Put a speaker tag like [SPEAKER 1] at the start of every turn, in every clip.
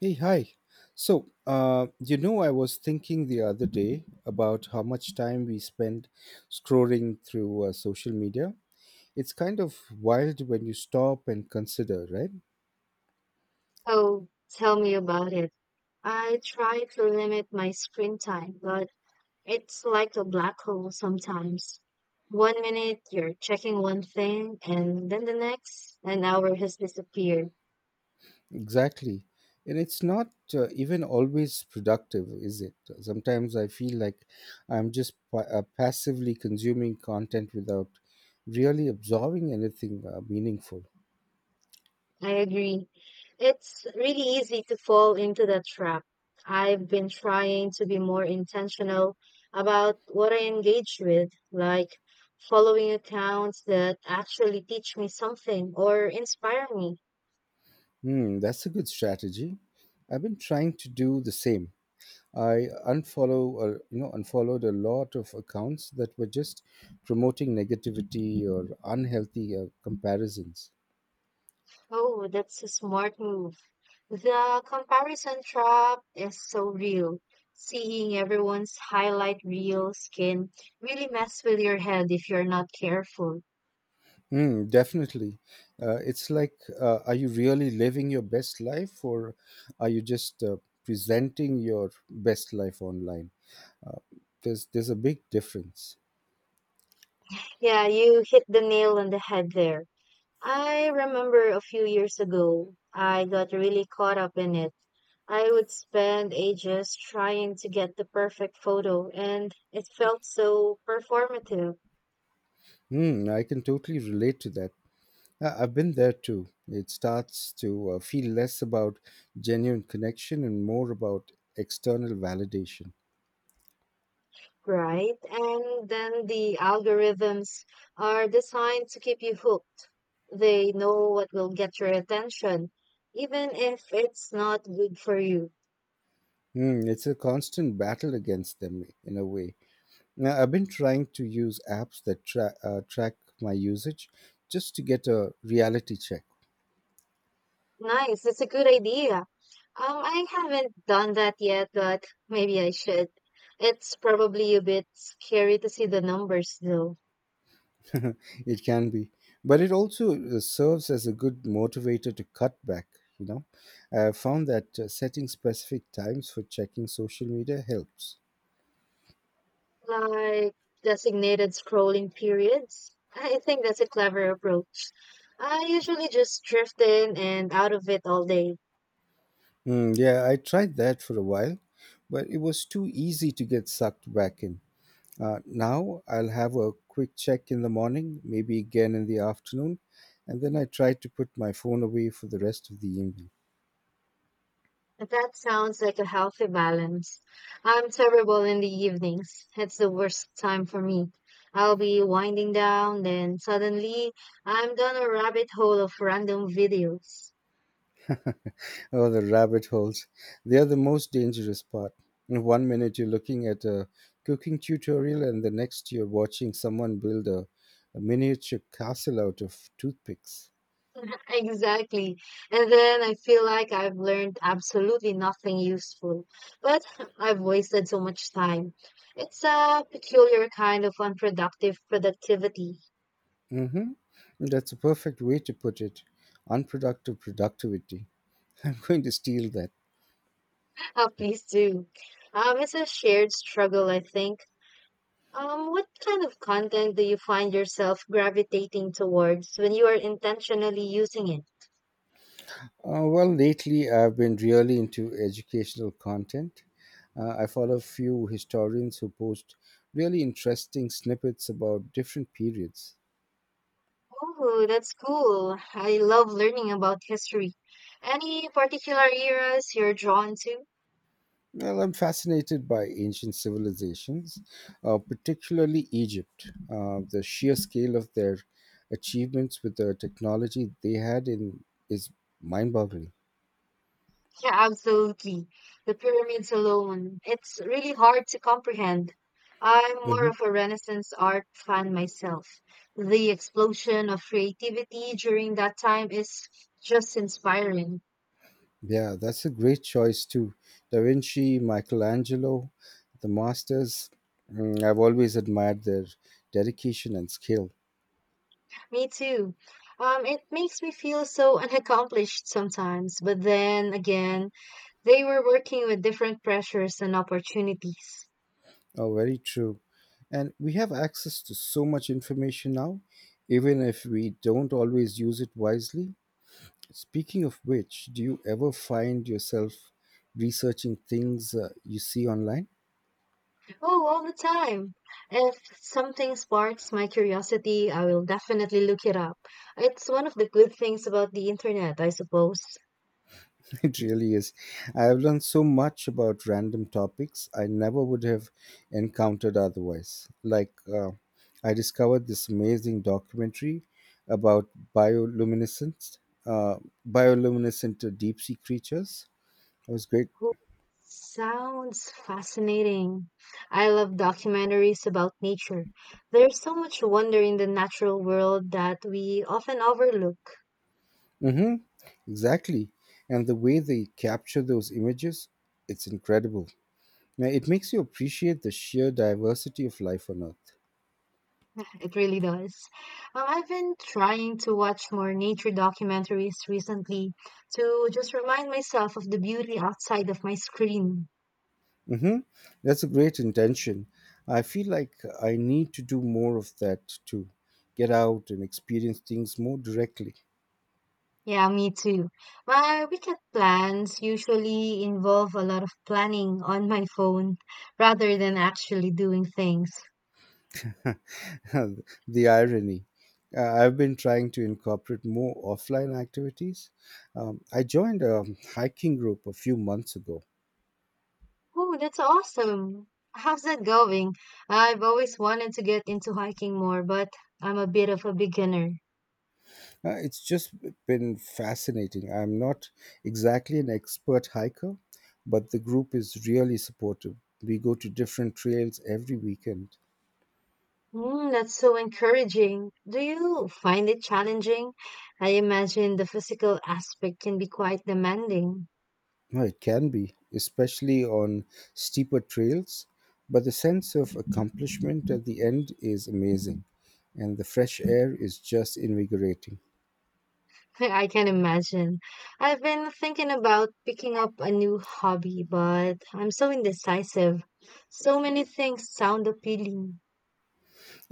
[SPEAKER 1] Hey, hi. So I was thinking the other day about how much time we spend scrolling through social media. It's kind of wild when you stop and consider, right?
[SPEAKER 2] Oh, tell me about it. I try to limit my screen time, but it's like a black hole sometimes. One minute you're checking one thing, and then the next, an hour has disappeared.
[SPEAKER 1] Exactly. And it's not even always productive, is it? Sometimes I feel like I'm just passively consuming content without really absorbing anything meaningful.
[SPEAKER 2] I agree. It's really easy to fall into that trap. I've been trying to be more intentional about what I engage with, like following accounts that actually teach me something or inspire me.
[SPEAKER 1] Hmm, that's a good strategy. I've been trying to do the same. I unfollow, or unfollowed a lot of accounts that were just promoting negativity or unhealthy comparisons.
[SPEAKER 2] Oh, that's a smart move. The comparison trap is so real. Seeing everyone's highlight reel skin really mess with your head if you're not careful.
[SPEAKER 1] Mm, definitely. It's like, are you really living your best life, or are you just presenting your best life online? There's a big difference.
[SPEAKER 2] Yeah, you hit the nail on the head there. I remember a few years ago, I got really caught up in it. I would spend ages trying to get the perfect photo, and it felt so performative.
[SPEAKER 1] Mm, I can totally relate to that. I've been there too. It starts to feel less about genuine connection and more about external validation.
[SPEAKER 2] Right. And then the algorithms are designed to keep you hooked. They know what will get your attention, even if it's not good for you.
[SPEAKER 1] Mm, it's a constant battle against them in a way. Now, I've been trying to use apps that track my usage just to get a reality check.
[SPEAKER 2] Nice. That's a good idea. I haven't done that yet, but maybe I should. It's probably a bit scary to see the numbers, though.
[SPEAKER 1] It can be, but it also serves as a good motivator to cut back. You know, I found that setting specific times for checking social media helps.
[SPEAKER 2] Like designated scrolling periods. I think that's a clever approach. I usually just drift in and out of it all day.
[SPEAKER 1] Mm, yeah, I tried that for a while, but it was too easy to get sucked back in. Now I'll have a quick check in the morning, maybe again in the afternoon, and then I try to put my phone away for the rest of the evening.
[SPEAKER 2] That sounds like a healthy balance. I'm terrible in the evenings. It's the worst time for me. I'll be winding down, then suddenly I'm down a rabbit hole of random videos.
[SPEAKER 1] Oh, the rabbit holes. They are the most dangerous part. In one minute, you're looking at a cooking tutorial, and the next, you're watching someone build a miniature castle out of toothpicks.
[SPEAKER 2] Exactly. And then I feel like I've learned absolutely nothing useful, but I've wasted so much time. It's a peculiar kind of unproductive productivity.
[SPEAKER 1] Mm-hmm. That's a perfect way to put it: unproductive productivity. I'm going to steal that.
[SPEAKER 2] Oh, please do. It's a shared struggle, I think. What kind of content do you find yourself gravitating towards when you are intentionally using it?
[SPEAKER 1] Well, lately I've been really into educational content. I follow a few historians who post really interesting snippets about different periods.
[SPEAKER 2] Oh, that's cool. I love learning about history. Any particular eras you're drawn to?
[SPEAKER 1] Well, I'm fascinated by ancient civilizations, particularly Egypt, the sheer scale of their achievements with the technology they had in is mind-boggling.
[SPEAKER 2] Yeah, absolutely. The pyramids alone. It's really hard to comprehend. I'm more
[SPEAKER 1] Mhm.
[SPEAKER 2] of a Renaissance art fan myself. The explosion of creativity during that time is just inspiring.
[SPEAKER 1] Yeah, that's a great choice too. Da Vinci, Michelangelo, the masters. Mm, I've always admired their dedication and skill.
[SPEAKER 2] Me too. It makes me feel so unaccomplished sometimes, but then again, they were working with different pressures and opportunities.
[SPEAKER 1] Oh, very true. And we have access to so much information now, even if we don't always use it wisely. Speaking of which, do you ever find yourself researching things you see online?
[SPEAKER 2] Oh, all the time. If something sparks my curiosity, I will definitely look it up. It's one of the good things about the internet, I suppose.
[SPEAKER 1] It really is. I have learned so much about random topics I never would have encountered otherwise. Like, I discovered this amazing documentary about bioluminescence, uh, bioluminescent deep sea creatures. It was great.
[SPEAKER 2] Oh, sounds fascinating. I love documentaries about nature. There's so much wonder in the natural world that we often overlook.
[SPEAKER 1] Hmm, exactly. And the way they capture those images, it's incredible. Now, it makes you appreciate the sheer diversity of life on Earth.
[SPEAKER 2] It really does. I've been trying to watch more nature documentaries recently to just remind myself of the beauty outside of my screen.
[SPEAKER 1] Mm-hmm. That's a great intention. I feel like I need to do more of that too. Get out and experience things more directly.
[SPEAKER 2] Yeah, me too. My weekend plans usually involve a lot of planning on my phone rather than actually doing things.
[SPEAKER 1] The irony. I've been trying to incorporate more offline activities. I joined a hiking group a few months ago.
[SPEAKER 2] Oh, that's awesome. How's that going? I've always wanted to get into hiking more, but I'm a bit of a beginner.
[SPEAKER 1] It's just been fascinating. I'm not exactly an expert hiker, but the group is really supportive. We go to different trails every weekend.
[SPEAKER 2] Mm, that's so encouraging. Do you find it challenging? I imagine the physical aspect can be quite demanding.
[SPEAKER 1] No, it can be, especially on steeper trails, but the sense of accomplishment at the end is amazing, and the fresh air is just invigorating.
[SPEAKER 2] I can imagine. I've been thinking about picking up a new hobby, but I'm so indecisive. So many things sound appealing.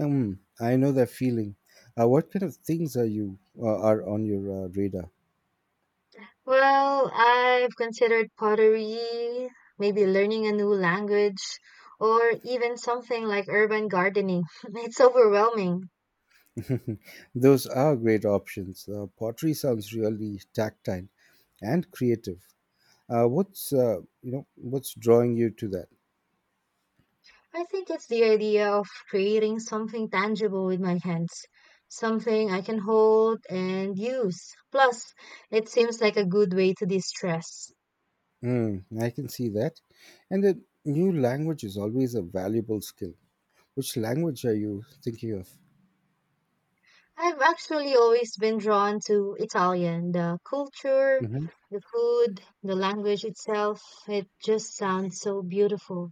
[SPEAKER 1] I know that feeling. What kind of things are you are on your radar?
[SPEAKER 2] Well, I've considered pottery, maybe learning a new language, or even something like urban gardening. It's overwhelming.
[SPEAKER 1] Those are great options. Pottery sounds really tactile and creative. Uh, what's what's drawing you to that?
[SPEAKER 2] I think it's the idea of creating something tangible with my hands, something I can hold and use. Plus, it seems like a good way to de-stress.
[SPEAKER 1] Mm, I can see that, and the new language is always a valuable skill. Which language are you thinking of?
[SPEAKER 2] I've actually always been drawn to Italian, the culture,
[SPEAKER 1] Hmm.
[SPEAKER 2] the food, the language itself. It just sounds so beautiful.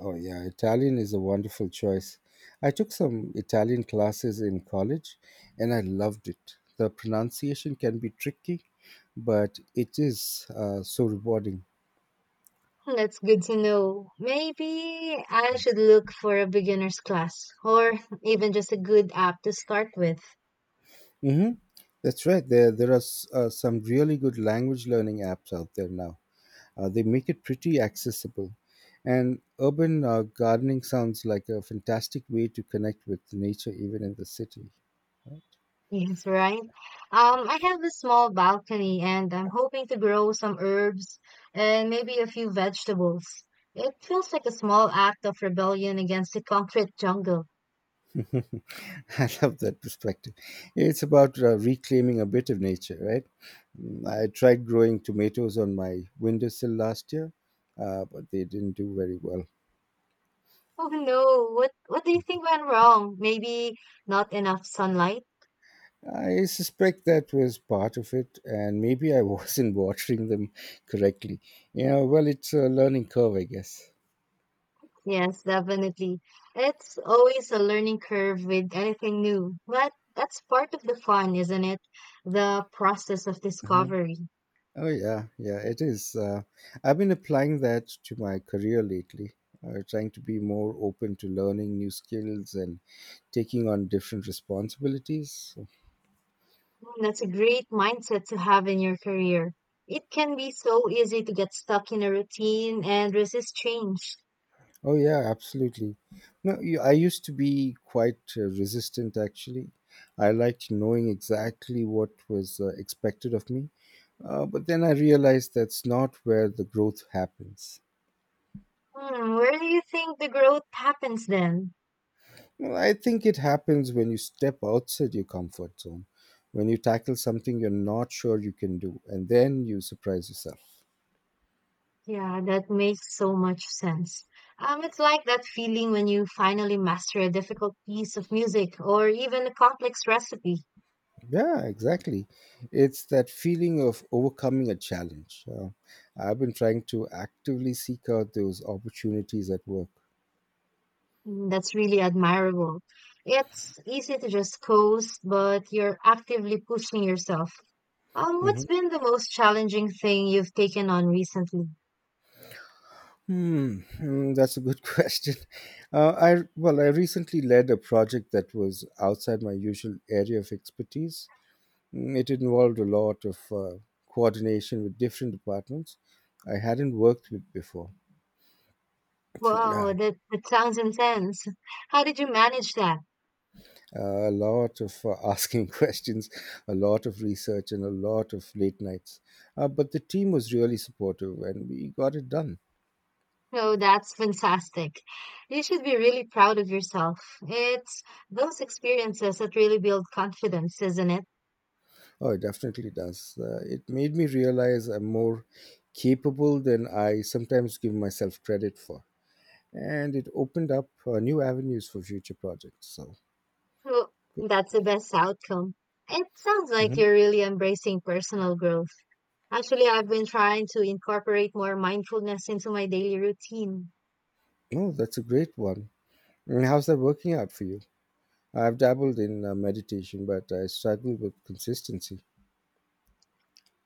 [SPEAKER 1] Oh, yeah, Italian is a wonderful choice. I took some Italian classes in college and I loved it. The pronunciation can be tricky, but it is so rewarding.
[SPEAKER 2] That's good to know. Maybe I should look for a beginner's class or even just a good app to start with.
[SPEAKER 1] Hmm. That's right. There are some really good language learning apps out there now. They make it pretty accessible. And urban gardening sounds like a fantastic way to connect with nature, even in the city.
[SPEAKER 2] Yes, right. I have a small balcony and I'm hoping to grow some herbs and maybe a few vegetables. It feels like a small act of rebellion against the concrete jungle.
[SPEAKER 1] I love that perspective. It's about reclaiming a bit of nature, right? Mm, I tried growing tomatoes on my windowsill last year, but they didn't do very well.
[SPEAKER 2] Oh no, what do you think went wrong? Maybe not enough sunlight?
[SPEAKER 1] I suspect that was part of it, and maybe I wasn't watering them correctly. You know, well, it's a learning curve, I guess.
[SPEAKER 2] Yes, definitely. It's always a learning curve with anything new, but that's part of the fun, isn't it? The process of
[SPEAKER 1] Mm-hmm.
[SPEAKER 2] discovery.
[SPEAKER 1] Oh yeah, yeah, it is. I've been applying that to my career lately, trying to be more open to learning new skills and taking on different responsibilities.
[SPEAKER 2] Mm, that's a great mindset to have in your career. It can be so easy to get stuck in a routine and resist change.
[SPEAKER 1] Oh yeah, absolutely. No, you, I used to be quite resistant actually. I liked knowing exactly what was expected of me, but then I realized that's not where the growth happens.
[SPEAKER 2] Hmm, where do you think the growth happens then?
[SPEAKER 1] Well, I think it happens when you step outside your comfort zone, when you tackle something you're not sure you can do, and then you surprise yourself.
[SPEAKER 2] Yeah, that makes so much sense. It's like that feeling when you finally master a difficult piece of music or even a complex recipe.
[SPEAKER 1] Yeah, exactly. It's that feeling of overcoming a challenge. I've been trying to actively seek out those opportunities at work.
[SPEAKER 2] Mm, that's really admirable. It's easy to just coast, but you're actively pushing yourself. What's
[SPEAKER 1] Mhm.
[SPEAKER 2] been the most challenging thing you've taken on recently?
[SPEAKER 1] Hmm, that's a good question. I well, I recently led a project that was outside my usual area of expertise. Mm, it involved a lot of coordination with different departments I hadn't worked with before. So,
[SPEAKER 2] Wow,
[SPEAKER 1] yeah,
[SPEAKER 2] that sounds intense. How did you manage that?
[SPEAKER 1] a lot of asking questions, a lot of research, and a lot of late nights. But the team was really supportive and we got it done.
[SPEAKER 2] Oh, that's fantastic. You should be really proud of yourself. It's those experiences that really build confidence, isn't it?
[SPEAKER 1] Oh, it definitely does. It made me realize I'm more capable than I sometimes give myself credit for. And it opened up new avenues for future projects. So,
[SPEAKER 2] Well,
[SPEAKER 1] good.
[SPEAKER 2] that's the best outcome. It sounds like
[SPEAKER 1] Hmm.
[SPEAKER 2] you're really embracing personal growth. Actually, I've been trying to incorporate more mindfulness into my daily routine.
[SPEAKER 1] Oh, that's a great one. And how's that working out for you? I've dabbled in meditation, but I struggle with consistency.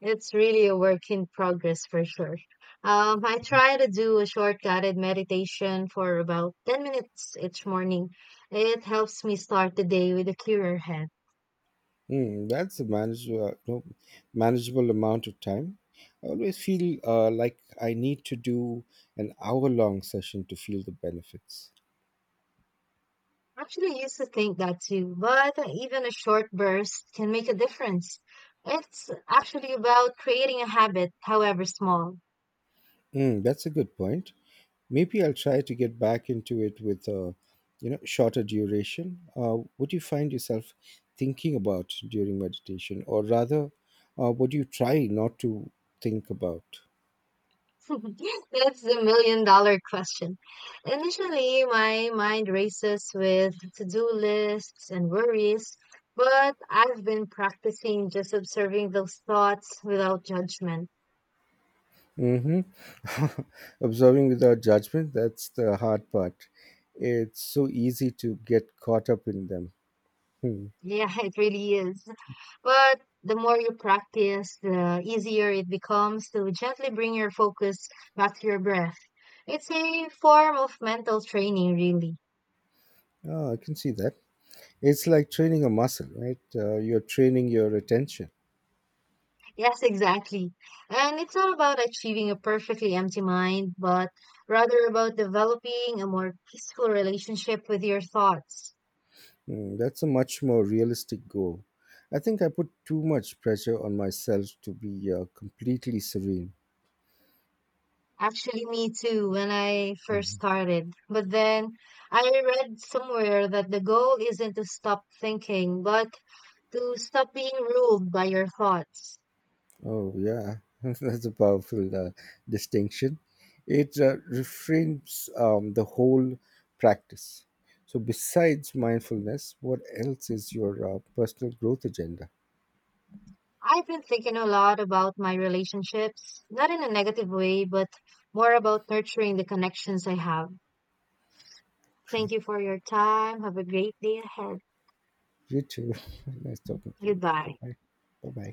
[SPEAKER 2] It's really a work in progress for sure. I try to do a short guided meditation for about 10 minutes each morning. It helps me start the day with a clearer head.
[SPEAKER 1] Mm, that's a manageable, no, manageable amount of time. I always feel like I need to do an hour long session to feel the benefits.
[SPEAKER 2] Actually, I used to think that too, but even a short burst can make a difference. It's actually about creating a habit, however small.
[SPEAKER 1] Mm, that's a good point. Maybe I'll try to get back into it with a, you know, shorter duration. What do you find yourself thinking about during meditation, or rather, what do you try not to think about?
[SPEAKER 2] That's the million dollar question. Initially, my mind races with to-do lists and worries, but I've been practicing just observing those thoughts without judgment.
[SPEAKER 1] Hmm. Observing without judgment, that's the hard part. It's so easy to get caught up in them. Hmm.
[SPEAKER 2] Yeah, it really is. But the more you practice, the easier it becomes to gently bring your focus back to your breath. It's a form of mental training, really.
[SPEAKER 1] Oh, I can see that. It's like training a muscle, right? You're training your attention.
[SPEAKER 2] Yes, exactly. And it's not about achieving a perfectly empty mind, but rather about developing a more peaceful relationship with your thoughts.
[SPEAKER 1] Hmm, that's a much more realistic goal. I think I put too much pressure on myself to be completely serene.
[SPEAKER 2] Actually, me too, when I first started. But then I read somewhere that the goal isn't to stop thinking, but to stop being ruled by your thoughts.
[SPEAKER 1] Oh, yeah, that's a powerful distinction. It reframes the whole practice. So, besides mindfulness, what else is your personal growth agenda?
[SPEAKER 2] I've been thinking a lot about my relationships, not in a negative way, but more about nurturing the connections I have.
[SPEAKER 1] Okay,
[SPEAKER 2] Thank you for your time. Have a great day ahead.
[SPEAKER 1] you too. Nice talking to you. Bye
[SPEAKER 2] Goodbye.
[SPEAKER 1] bye. Bye bye.